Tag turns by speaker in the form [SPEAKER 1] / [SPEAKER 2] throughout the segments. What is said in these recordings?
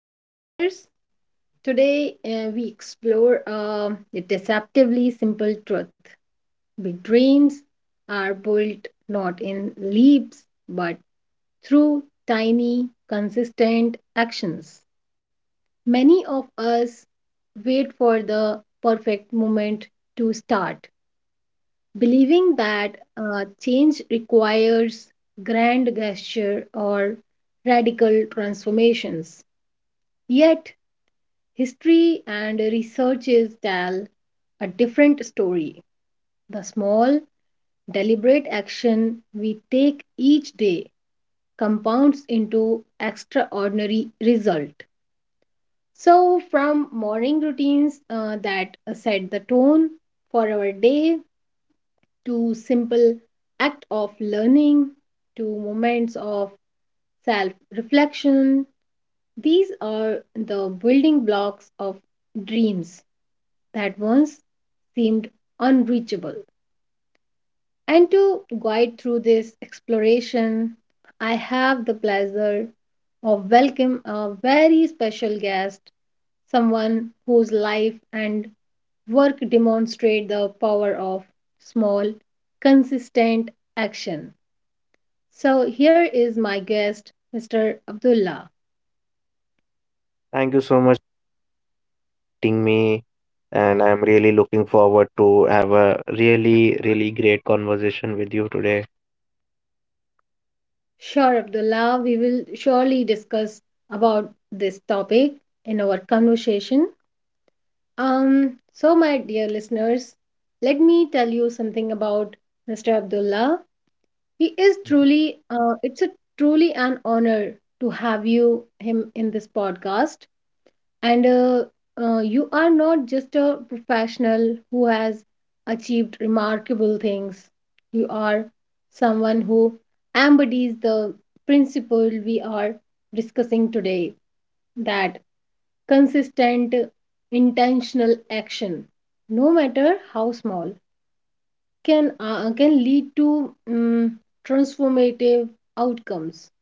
[SPEAKER 1] Dear listeners, today we explore the deceptively simple truth. Big dreams are built not in leaps but through tiny, consistent actions. Many of us wait for the perfect moment to start believing that change requires grand gesture or radical transformations. Yet, history and researches tell a different story. The small, deliberate action we take each day compounds into extraordinary result. So, from morning routines that set the tone for our day to simple act of learning to moments of self reflection these are the building blocks of dreams that once seemed unreachable and to guide through this exploration I have the pleasure of welcome a very special guest someone whose life and work demonstrate the power of small consistent action. So here is my guest, Mr. Abdullah.
[SPEAKER 2] Thank you so much for meeting me, and I'm really looking forward to have a really, really great conversation with you today.
[SPEAKER 1] Sure, Abdullah, we will surely discuss about this topic in our conversation. So my dear listeners, let me tell you something about Mr. Abdullah. He is truly, it's a truly an honor to have you him in this podcast. And you are not just a professional who has achieved remarkable things you are someone who embodies the principle we are discussing today that consistent intentional action no matter how small can lead to mm transformative outcomes.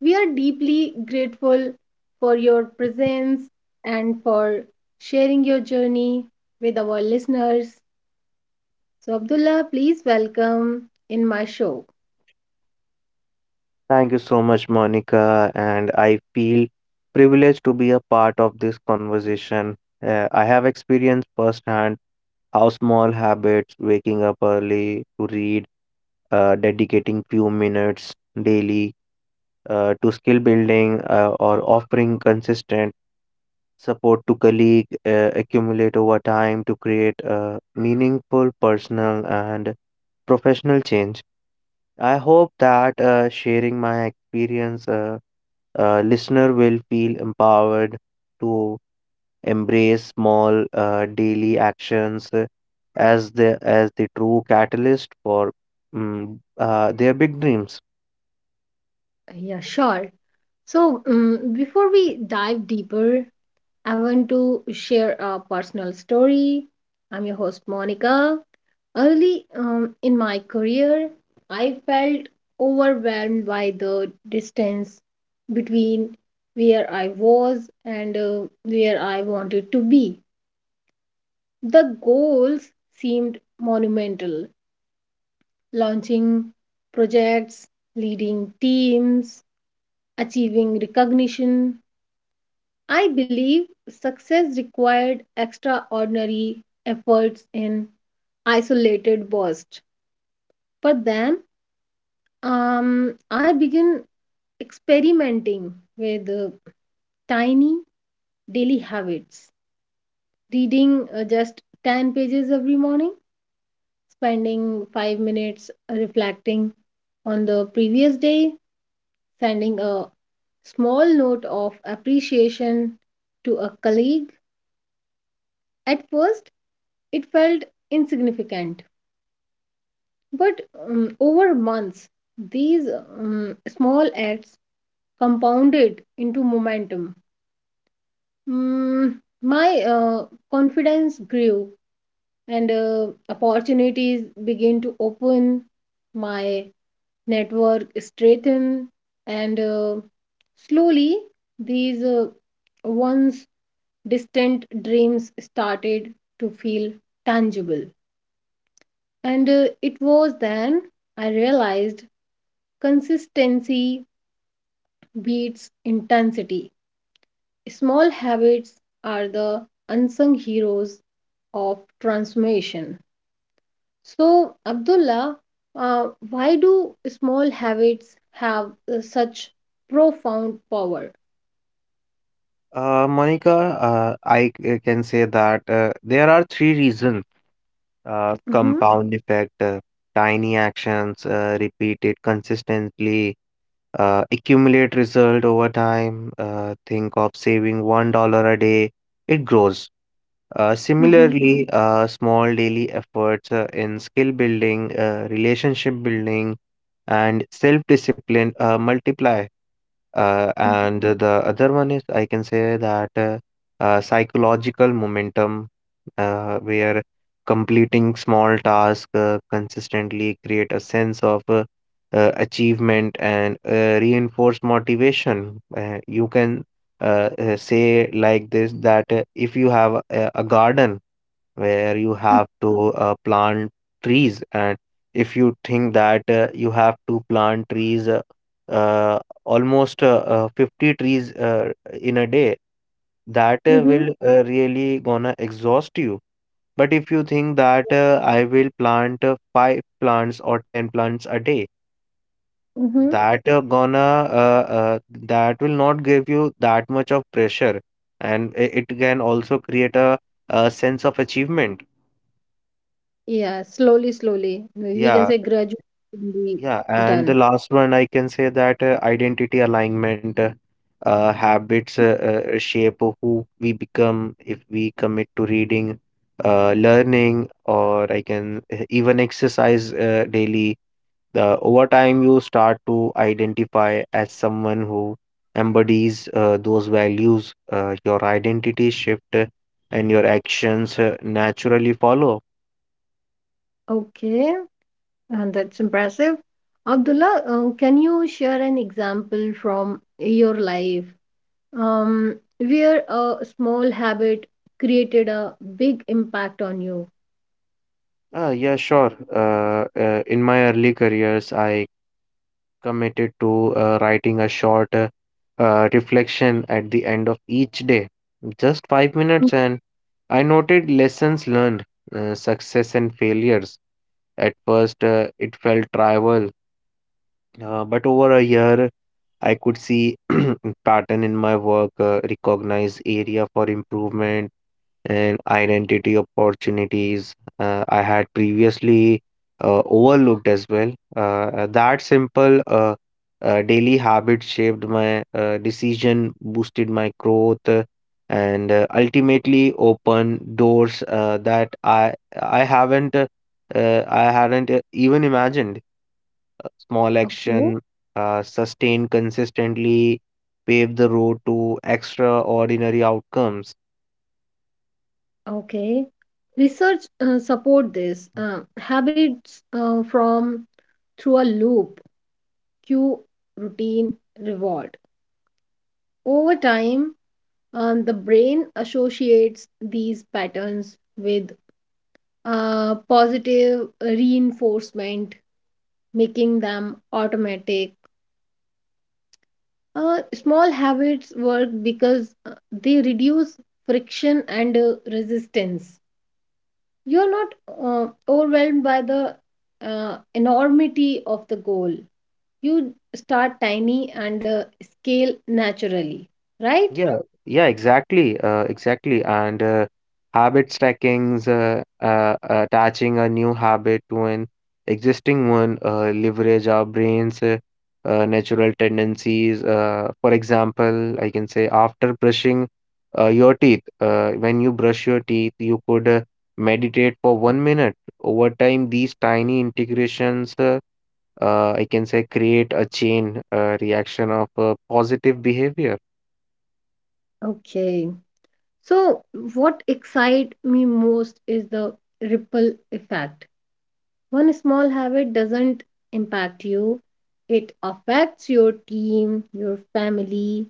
[SPEAKER 1] We are deeply grateful for your presence and for sharing your journey with our listeners. So, Abdullah, please welcome in my show.
[SPEAKER 2] Thank you so much, Monica, and I feel privileged to be a part of this conversation. I have experienced firsthand how small habits, waking up early to read, dedicating few minutes daily to skill building, or offering consistent Support to colleague accumulate over time to create a meaningful personal and professional change. I hope that sharing my experience, listener will feel empowered to embrace small daily actions as the true catalyst for their big dreams.
[SPEAKER 1] Yeah, sure. So, before we dive deeper, I want to share a personal story. I'm your host, Monica. Early in my career, I felt overwhelmed by the distance between where I was and where I wanted to be. The goals seemed monumental launching projects, leading teams, achieving recognition. I believe success required extraordinary efforts in isolated bursts. But then I began experimenting with tiny daily habits, reading just 10 pages every morning, spending 5 minutes reflecting on the previous day, sending a small note of appreciation to a colleague. At first, it felt insignificant, but over months, these small acts compounded into momentum. Mm, my confidence grew and opportunities began to open my network strengthened, and slowly these once distant dreams started to feel tangible and it was then I realized consistency beats intensity small habits are the unsung heroes of transformation. So, Abdullah, why do small habits have such profound power?
[SPEAKER 2] Monica, I can say that there are three reasons:
[SPEAKER 1] Mm-hmm,
[SPEAKER 2] compound effect. Tiny actions repeated consistently accumulate result over time. Think of saving $1 a day, it grows.
[SPEAKER 1] mm-hmm,
[SPEAKER 2] Similarly, small daily efforts in skill building, relationship building, and self discipline multiply. And the other one is, I can say that psychological momentum, where completing small tasks consistently create a sense of achievement and reinforce motivation. You can say like this that if you have a garden where you
[SPEAKER 1] mm-hmm,
[SPEAKER 2] have to plant trees. And if you think that you have to plant trees, uh, almost 50 trees in a day, that
[SPEAKER 1] mm-hmm.
[SPEAKER 2] will really gonna exhaust you. But if you think that I will plant five plants or 10 plants a day,
[SPEAKER 1] Mm-hmm.
[SPEAKER 2] that gonna that will not give you that much of pressure, and it can also create a sense of achievement.
[SPEAKER 1] Yeah, slowly, slowly. We can
[SPEAKER 2] Yeah.
[SPEAKER 1] say gradually will be
[SPEAKER 2] Yeah, and the
[SPEAKER 1] done.
[SPEAKER 2] last one I can say that identity alignment. Uh, habits shape who we become if we commit to reading, learning, or I can even exercise daily. The over time you start to identify as someone who embodies those values. Your identity shift and your actions naturally follow.
[SPEAKER 1] Okay, and that's impressive. Abdullah, can you share an example from your life um, where a small habit created a big impact on you?
[SPEAKER 2] Yeah, sure. In my early careers, I committed to writing a short reflection at the end of each day, just 5 minutes, and I noted lessons learned, success and failures. At first, it felt trivial, but over a year, I could see pattern in my work, recognize area for improvement, and identity opportunities I had previously overlooked as well. That simple daily habit shaped my decision, boosted my growth, and ultimately opened doors that I haven't uh, I hadn't even imagined. A small
[SPEAKER 1] Okay,
[SPEAKER 2] action sustained consistently paved the road to extraordinary outcomes.
[SPEAKER 1] okay. Research support this habits from through a loop, cue, routine, reward. Over time, the brain associates these patterns with positive reinforcement, making them automatic. Small habits work because they reduce friction and resistance. You're not overwhelmed by the enormity of the goal. You start tiny and scale naturally, right?
[SPEAKER 2] Yeah, yeah, exactly, exactly. And habit stackings, attaching a new habit to an existing one, leverage our brain's natural tendencies. For example, I can say after brushing your teeth, when you brush your teeth, you could meditate for 1 minute. Over time, these tiny integrations, I can say, create a chain reaction of positive behavior.
[SPEAKER 1] Okay. So, what excites me most is the ripple effect. One small habit doesn't impact you, it affects your team, your family,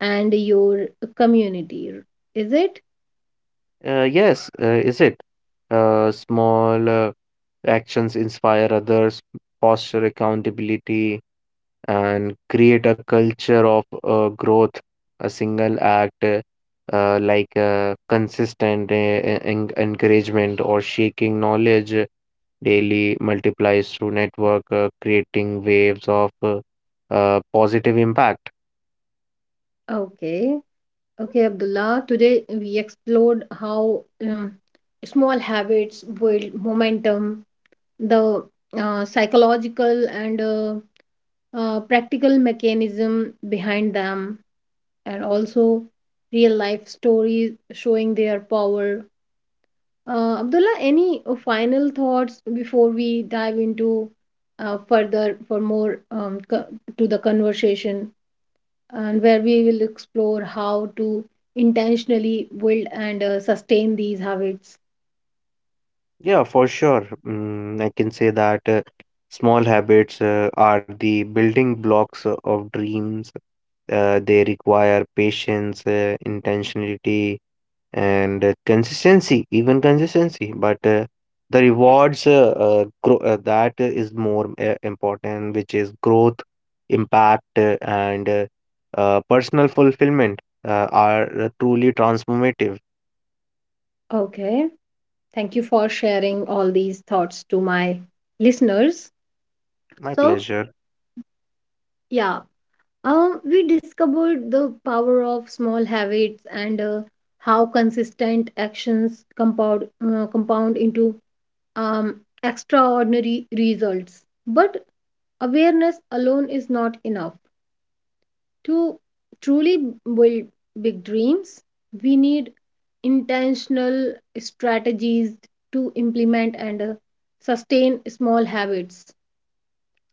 [SPEAKER 1] and your community. Is it?
[SPEAKER 2] Yes, is it? Small actions inspire others, foster accountability, and create a culture of growth. A single act, like consistent e-, en encouragement or shaking knowledge daily, multiplies through network, creating waves of positive impact.
[SPEAKER 1] Okay. Okay, Abdullah, today we explored how small habits build momentum, the psychological and practical mechanism behind them, and also real life stories showing their power. Abdullah, any final thoughts before we dive into further for more to the conversation? And where we will explore how to intentionally build and sustain these habits.
[SPEAKER 2] Yeah, for sure. Mm, I can say that small habits are the building blocks of dreams. They require patience, intentionality, and consistency, even consistency. But the rewards grow, that is more important, which is growth, impact, and personal fulfillment are truly transformative.
[SPEAKER 1] Okay, thank you for sharing all these thoughts to my listeners.
[SPEAKER 2] My
[SPEAKER 1] So,
[SPEAKER 2] pleasure.
[SPEAKER 1] yeah, we discovered the power of small habits and how consistent actions compound into um, extraordinary results. But awareness alone is not enough. To truly build big dreams, we need intentional strategies to implement and sustain small habits.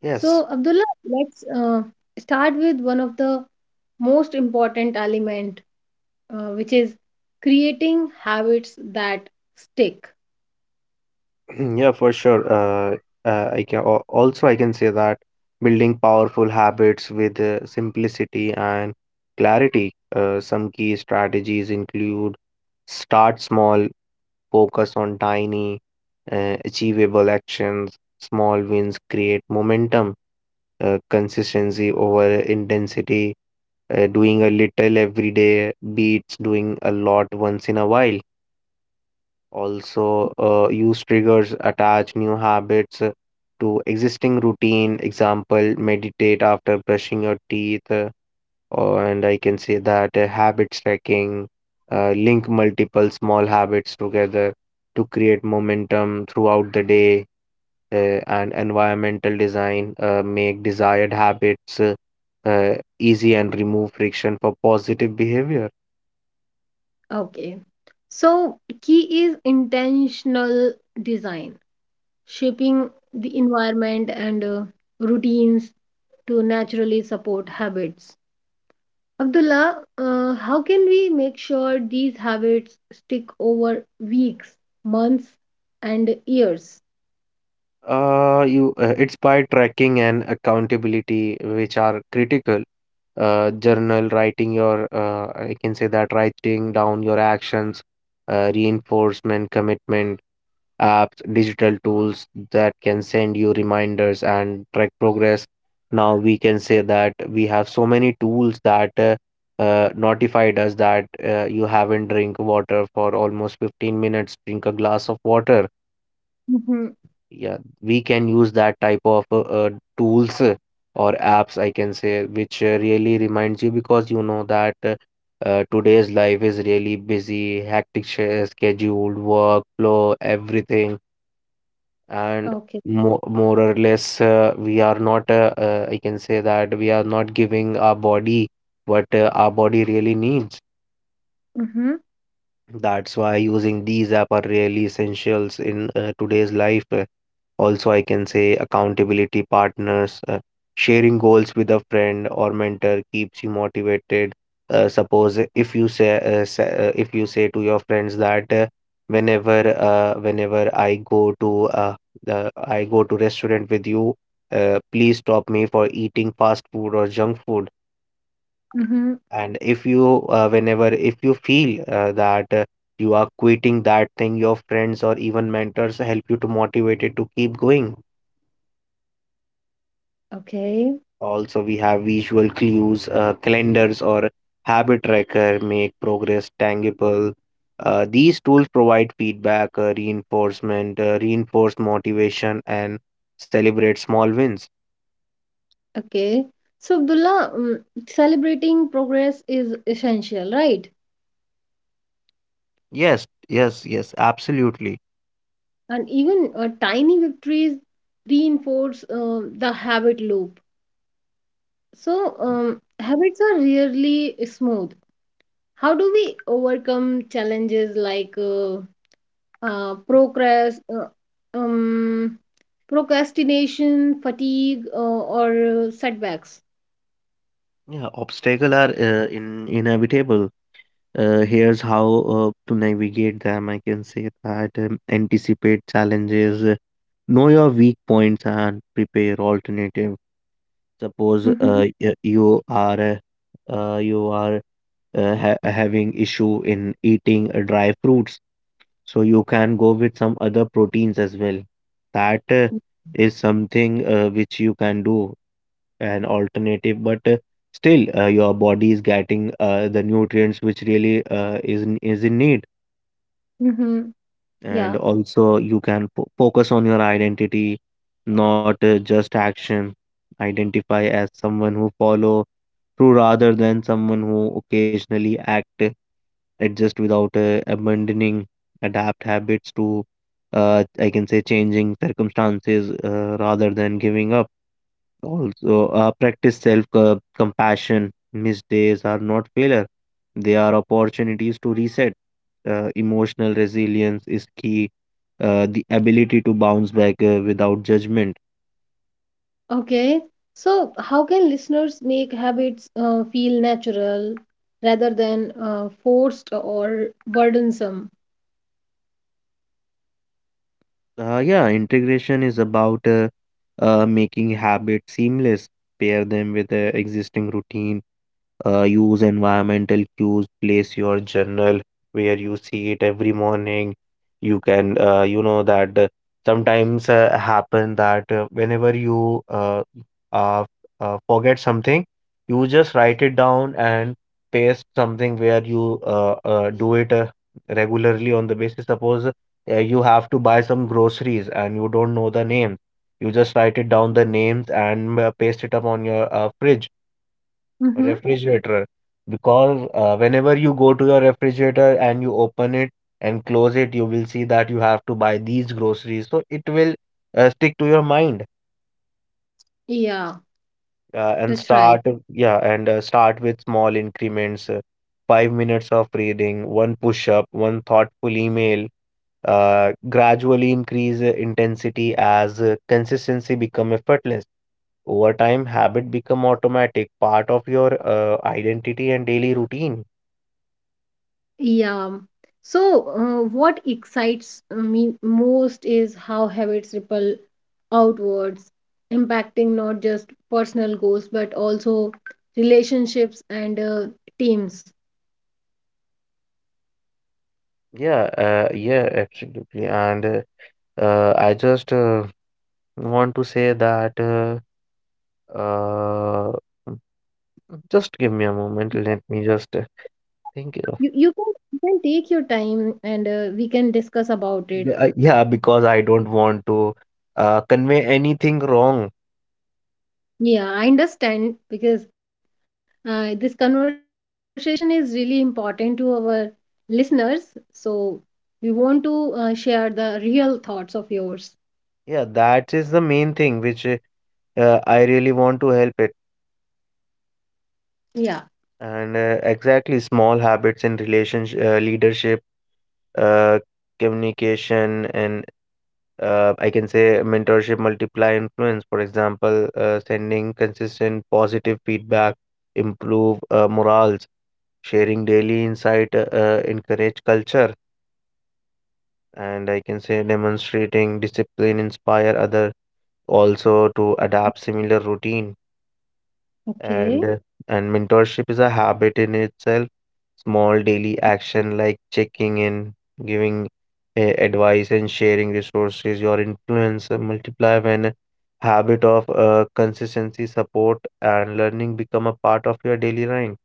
[SPEAKER 2] Yes.
[SPEAKER 1] So, Abdullah, let's start with one of the most important element, which is creating habits that stick.
[SPEAKER 2] Mm, yeah, for sure. I can say that building powerful habits with simplicity and clarity. Some key strategies include start small, focus on tiny, achievable actions. Small wins create momentum. Consistency over intensity. Doing a little every day beats doing a lot once in a while. Also, use triggers, attach new habits to existing routine. Example, meditate after brushing your teeth, or and I can say that habit tracking, link multiple small habits together to create momentum throughout the day, uh, and environmental design, make desired habits uh, easy and remove friction for positive behavior.
[SPEAKER 1] Okay. So, key is intentional design, shaping the environment and routines to naturally support habits. Abdullah, how can we make sure these habits stick over weeks, months, and years?
[SPEAKER 2] You It's by tracking and accountability which are critical. Journal writing your, I can say, that writing down your actions, reinforcement, commitment, apps, digital tools that can send you reminders and track progress. Now we can say that we have so many tools that notified us that you haven't drink water for almost 15 minutes. Drink a glass of water,
[SPEAKER 1] Mm-hmm.
[SPEAKER 2] yeah, we can use that type of tools or apps, I can say, which really reminds you because you know that today's life is really busy, hectic schedule, workflow, everything, and
[SPEAKER 1] Okay.
[SPEAKER 2] more or less we are not, I can say that we are not giving our body what our body really needs.
[SPEAKER 1] Mm-hmm.
[SPEAKER 2] That's why using these app are really essentials in today's life. Also, I can say accountability partners, sharing goals with a friend or mentor keeps you motivated. Suppose if you say, if you say to your friends that whenever I go to the I go to restaurant with you, please stop me for eating fast food or junk food,
[SPEAKER 1] Mm-hmm.
[SPEAKER 2] and if you whenever if you feel that you are quitting that thing, your friends or even mentors help you to motivate it to keep going.
[SPEAKER 1] Okay.
[SPEAKER 2] Also, we have visual clues, calendars, or habit tracker make progress tangible. These tools provide feedback, reinforcement, reinforce motivation, and celebrate small wins.
[SPEAKER 1] Okay. So, Abdullah, celebrating progress is essential, right?
[SPEAKER 2] Yes, yes, yes, absolutely.
[SPEAKER 1] And even tiny victories reinforce the habit loop. So, habits are rarely smooth. How do we overcome challenges like uh, progress, uh, um, procrastination, fatigue, or setbacks?
[SPEAKER 2] Yeah, obstacles are inevitable. Here's how to navigate them. I can say that anticipate challenges, know your weak points, and prepare alternatives. Suppose
[SPEAKER 1] Mm-hmm.
[SPEAKER 2] you are uh, you are having issue in eating dry fruits, so you can go with some other proteins as well. That is something which you can do an alternative, but still your body is getting the nutrients which really is in need,
[SPEAKER 1] Mm-hmm.
[SPEAKER 2] and
[SPEAKER 1] Yeah.
[SPEAKER 2] also you can focus on your identity, not just action. Identify as someone who follow through rather than someone who occasionally act. Uh, adjust without abandoning. Adapt habits to I can say changing circumstances rather than giving up. Also, practice self compassion. Mistakes are not failure, they are opportunities to reset. Emotional resilience is key, the ability to bounce back without judgment.
[SPEAKER 1] Okay. So, how can listeners make habits feel natural rather than forced or burdensome?
[SPEAKER 2] Yeah, integration is about making habits seamless, pair them with existing routine, use environmental cues, place your journal where you see it every morning. You can you know that sometimes happen that whenever you uh, forget something, you just write it down and paste something where you do it regularly on the basis. Suppose you have to buy some groceries and you don't know the names, you just write it down the names and paste it up on your fridge,
[SPEAKER 1] Mm-hmm.
[SPEAKER 2] refrigerator, because whenever you go to your refrigerator and you open it and close it, you will see that you have to buy these groceries. So it will stick to your mind,
[SPEAKER 1] Yeah,
[SPEAKER 2] uh, and
[SPEAKER 1] that's right.
[SPEAKER 2] start, yeah, and start with small increments, 5 minutes of reading, one push up, one thoughtful email. Gradually increase intensity as consistency become effortless. Over time, habit become automatic, part of your identity and daily routine.
[SPEAKER 1] Yeah. So, what excites me most is how habits ripple outwards, impacting not just personal goals but also relationships and teams.
[SPEAKER 2] Yeah, yeah, absolutely. And I just want to say that uh, just give me a moment. Let me just think of.
[SPEAKER 1] You can you can take your time and we can discuss about it.
[SPEAKER 2] Yeah, because I don't want to convey anything wrong.
[SPEAKER 1] Yeah, I understand because this conversation is really important to our listeners. So we want to share the real thoughts of yours.
[SPEAKER 2] Yeah, that is the main thing which I really want to help it.
[SPEAKER 1] Yeah.
[SPEAKER 2] And exactly, small habits in relationship, leadership, uh, communication, and I can say mentorship multiply influence. For example, sending consistent positive feedback, improve morals, sharing daily insight, encourage culture, and I can say demonstrating discipline inspire other also to adapt similar routine.
[SPEAKER 1] Okay.
[SPEAKER 2] and uh, and mentorship is a habit in itself, small daily action like checking in, giving advice and sharing resources. Your influence multiply when habit of consistency, support and learning become a part of your daily life.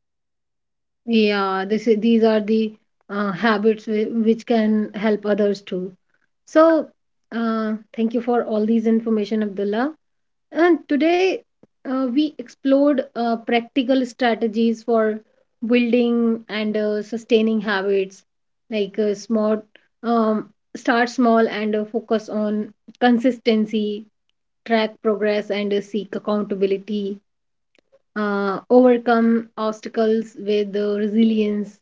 [SPEAKER 1] Yeah, this is, these are the habits which can help others too. So, thank you for all these information, Abdullah. And today we explored practical strategies for building and sustaining habits, like smart, um, start small and focus on consistency, track progress, and seek accountability. Overcome obstacles with resilience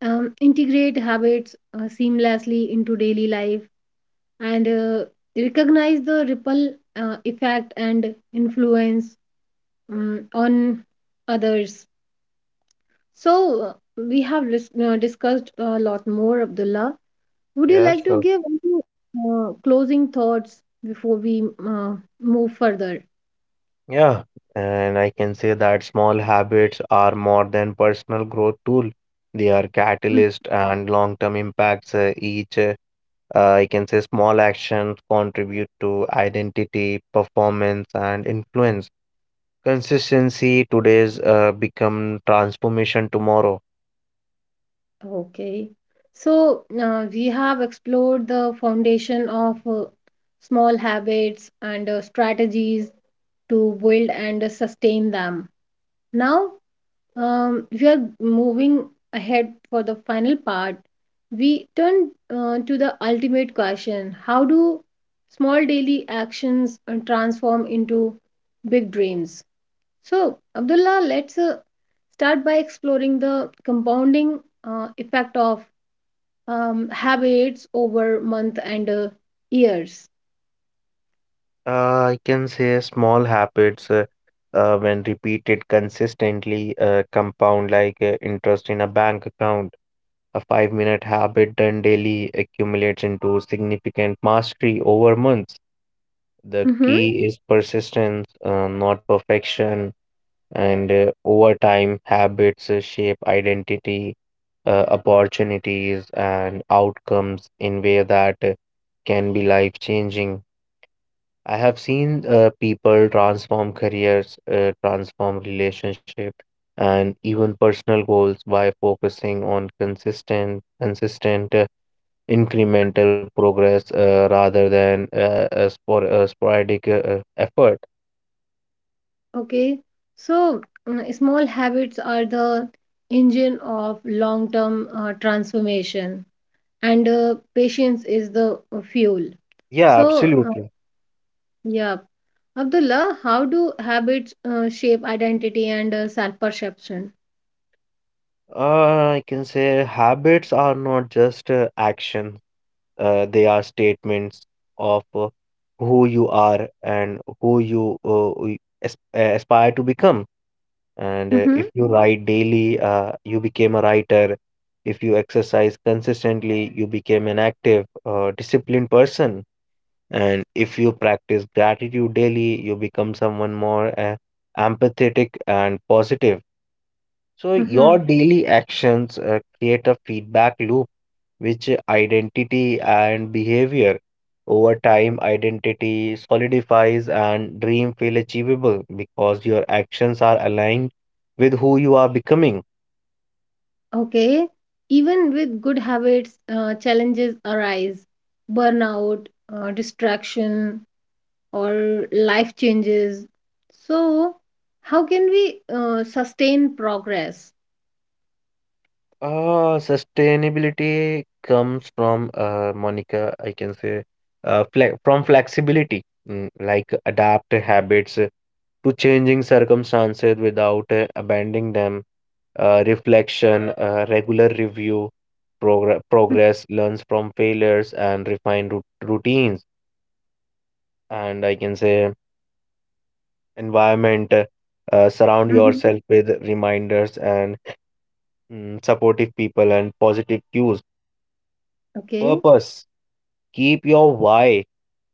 [SPEAKER 1] integrate habits seamlessly into daily life and recognize the ripple effect and influence on others. So, we have discussed a lot more, Abdullah. Would you
[SPEAKER 2] Yeah,
[SPEAKER 1] like to
[SPEAKER 2] sure.
[SPEAKER 1] give any closing thoughts before we move further?
[SPEAKER 2] Yeah, and I can say that small habits are more than personal growth tool. They are
[SPEAKER 1] Mm.
[SPEAKER 2] catalyst and long term impacts, each I can say small actions contribute to identity, performance, and influence. Consistency today's become transformation tomorrow.
[SPEAKER 1] Okay. So, we have explored the foundation of small habits and strategies to build and sustain them. Now, we are moving ahead for the final part. We turn to the ultimate question. How do small daily actions transform into big dreams? So, Abdullah, let's start by exploring the compounding effect of habits over month and years.
[SPEAKER 2] I can say small habits when repeated consistently compound like interest in a bank account. A five-minute habit done daily accumulates into significant mastery over months. The
[SPEAKER 1] Mm-hmm.
[SPEAKER 2] key is persistence, not perfection. And over time, habits shape identity, opportunities, and outcomes in way that can be life-changing. I have seen people transform careers, transform relationship, and even personal goals by focusing on consistent incremental progress rather than a sporadic effort.
[SPEAKER 1] Okay, so small habits are the engine of long term transformation, and patience is the fuel.
[SPEAKER 2] Yeah,
[SPEAKER 1] So,
[SPEAKER 2] absolutely.
[SPEAKER 1] yeah, Abdullah, how do habits shape identity and self perception?
[SPEAKER 2] I can say habits are not just action, they are statements of who you are and who you aspire to become. And
[SPEAKER 1] Mm-hmm,
[SPEAKER 2] if you write daily, you became a writer. If you exercise consistently, you became an active, disciplined person. And if you practice gratitude daily, you become someone more empathetic and positive. So
[SPEAKER 1] mm-hmm.
[SPEAKER 2] your daily actions create a feedback loop which identity and behavior. Over time identity solidifies and dream feel achievable because your actions are aligned with who you are becoming.
[SPEAKER 1] Okay, even with good habits, challenges arise burnout, distraction, or life changes. So, how can we sustain progress?
[SPEAKER 2] Sustainability comes from Monica, I can say, fle from flexibility, mm, like adapt habits to changing circumstances without abandoning them. Reflection, regular review, progress, learns from failures, and refine routines. And I can say environment, surround
[SPEAKER 1] Mhm.
[SPEAKER 2] yourself with reminders and mm, supportive people and positive cues.
[SPEAKER 1] Okay,
[SPEAKER 2] Purpose. Keep your why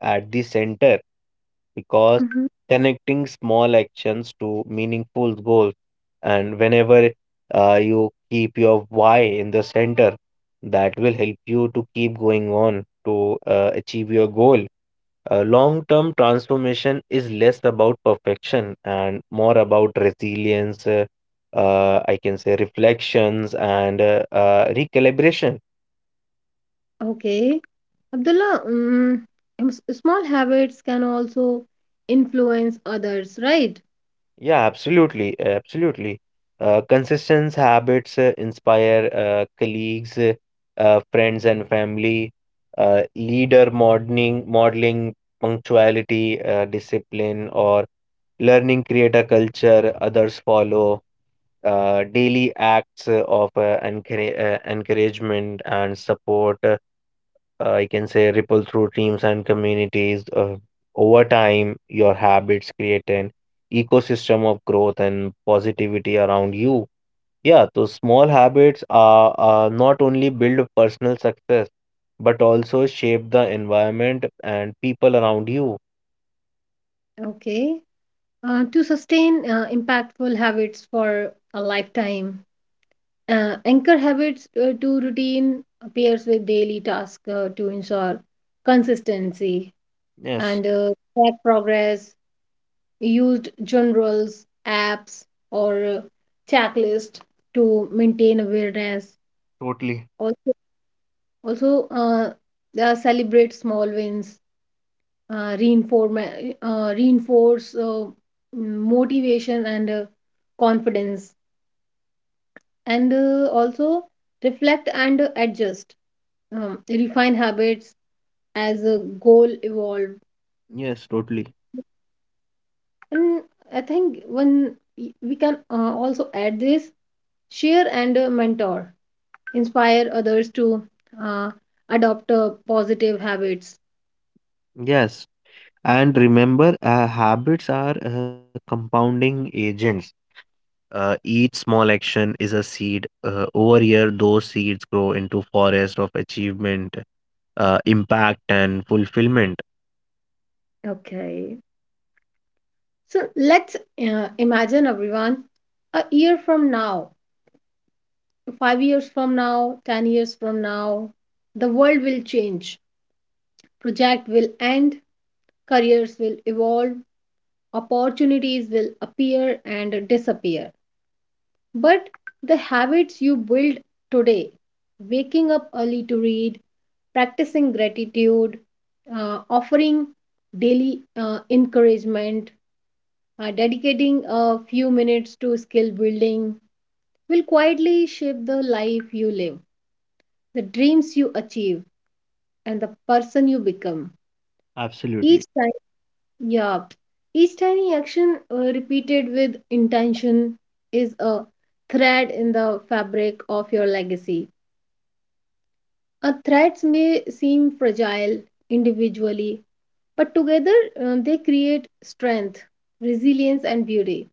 [SPEAKER 2] at the center, because
[SPEAKER 1] Mhm.
[SPEAKER 2] connecting small actions to meaningful goals. And whenever you keep your why in the center, that will help you to keep going on to achieve your goal. Uh, long term transformation is less about perfection and more about resilience, I can say reflections and recalibration.
[SPEAKER 1] Okay. Abdullah, small habits can also influence others, right?
[SPEAKER 2] Yeah, absolutely, absolutely. Consistent habits inspire colleagues, friends, and family. Uh, leader modeling, punctuality, discipline, or learning create a culture others follow. Daily acts of encouragement and support, I can say, ripple through teams and communities. Over time, your habits create an ecosystem of growth and positivity around you. Yeah, those small habits are not only build personal success, but also shape the environment and people around you.
[SPEAKER 1] Okay. To sustain impactful habits for a lifetime, anchor habits to routine appears with daily tasks to ensure consistency
[SPEAKER 2] Yes,
[SPEAKER 1] and track progress used generals, apps, or checklist to maintain awareness.
[SPEAKER 2] totally.
[SPEAKER 1] Also, also uh, celebrate small wins, uh, reinforce, reinforce motivation and confidence, and also reflect and adjust, refine habits as a goal evolve.
[SPEAKER 2] Yes, totally.
[SPEAKER 1] And I think when we can also add this share and mentor inspire others to uh, adopt positive habits.
[SPEAKER 2] Yes. And remember, habits are compounding agents. Each small action is a seed. Over here, those seeds grow into forest of achievement, impact, and fulfillment.
[SPEAKER 1] Okay. So let's imagine everyone a year from now, 5 years from now, 10 years from now, the world will change. Project will end, careers will evolve, opportunities will appear and disappear. But the habits you build today, waking up early to read, practicing gratitude, offering daily encouragement, dedicating a few minutes to skill building, will quietly shape the life you live, the dreams you achieve, and the person you become. Each
[SPEAKER 2] Absolutely.
[SPEAKER 1] time, yeah, each tiny action repeated with intention is a thread in the fabric of your legacy. Threats may seem fragile individually, but together they create strength, resilience, and beauty.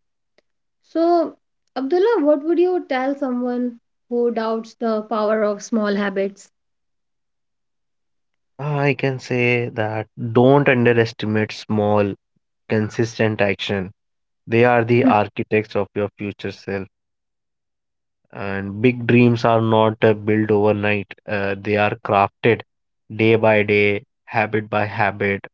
[SPEAKER 1] So, Abdullah, what would you tell someone who doubts the power of small habits?
[SPEAKER 2] I can say that don't underestimate small, consistent action. They are the
[SPEAKER 1] Mm.
[SPEAKER 2] architects of your future self. And big dreams are not built overnight, they are crafted day by day, habit by habit.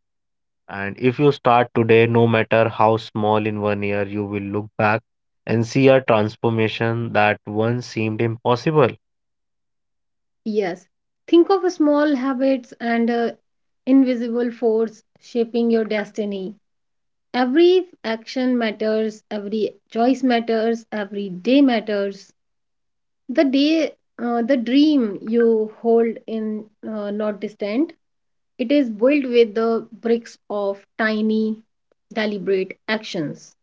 [SPEAKER 2] And if you start today, no matter how small, in one year, you will look back and see a transformation that once seemed impossible.
[SPEAKER 1] Yes, think of a small habits and a invisible force shaping your destiny. Every action matters, every choice matters, every day matters. The day the dream you hold in not distant it is built with the bricks of tiny deliberate actions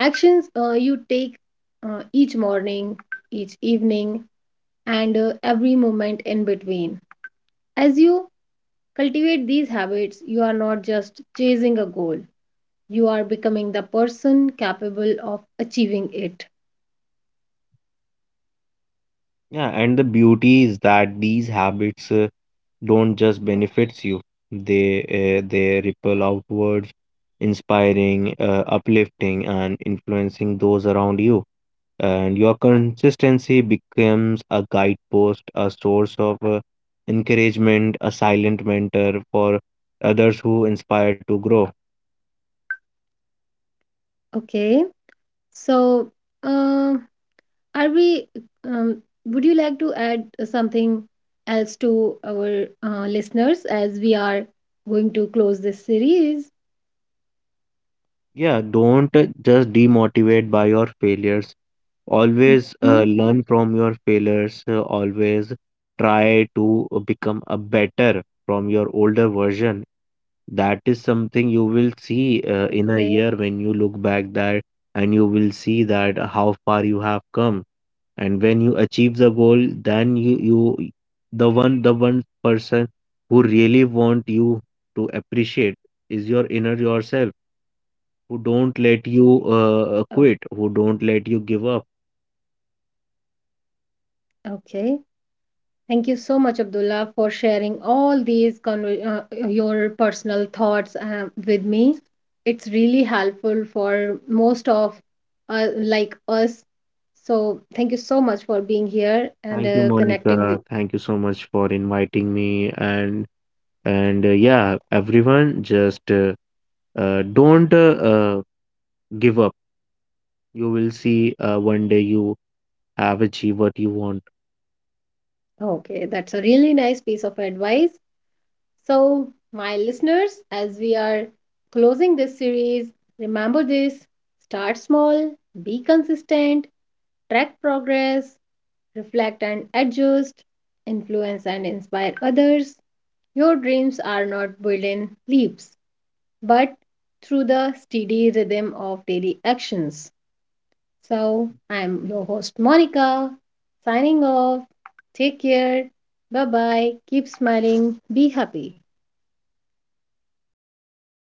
[SPEAKER 1] actions you take each morning each evening and every moment in between as you cultivate these habits you are not just chasing a goal you are becoming the person capable of achieving it.
[SPEAKER 2] Yeah, and the beauty is that these habits don't just benefits you, they ripple outwards, inspiring, uplifting and influencing those around you. And your consistency becomes a guidepost, a source of encouragement, a silent mentor for others who inspire to grow.
[SPEAKER 1] Okay, so, uh, are we, would you like to add something else to our listeners as we are going to close this series?
[SPEAKER 2] Yeah, don't just demotivate by your failures. Always
[SPEAKER 1] Hmm.
[SPEAKER 2] learn from your failures. Always try to become a better from your older version. That is
[SPEAKER 1] Okay,
[SPEAKER 2] something you will see in a year when you look back that. And you will see that how far you have come. And when you achieve the goal, then you, the one person who really want you to appreciate is your inner yourself, who don't let you
[SPEAKER 1] okay,
[SPEAKER 2] quit, who don't let you give up.
[SPEAKER 1] okay. Thank you so much, Abdullah, for sharing all these your personal thoughts with me. It's really helpful for most of like us. So thank you so much for being here
[SPEAKER 2] Thank
[SPEAKER 1] and
[SPEAKER 2] you,
[SPEAKER 1] connecting
[SPEAKER 2] Monica.
[SPEAKER 1] with.
[SPEAKER 2] Thank you so much for inviting me. And yeah, everyone, just don't give up. You will see one day you have achieved what you want.
[SPEAKER 1] Okay, that's a really nice piece of advice. So, my listeners, as we are closing this series, remember this start small, be consistent, track progress, reflect and adjust, influence and inspire others. Your dreams are not built in leaps, but through the steady rhythm of daily actions. So, I'm your host, Monica, signing off. Take care. Bye bye. Keep smiling. Be happy.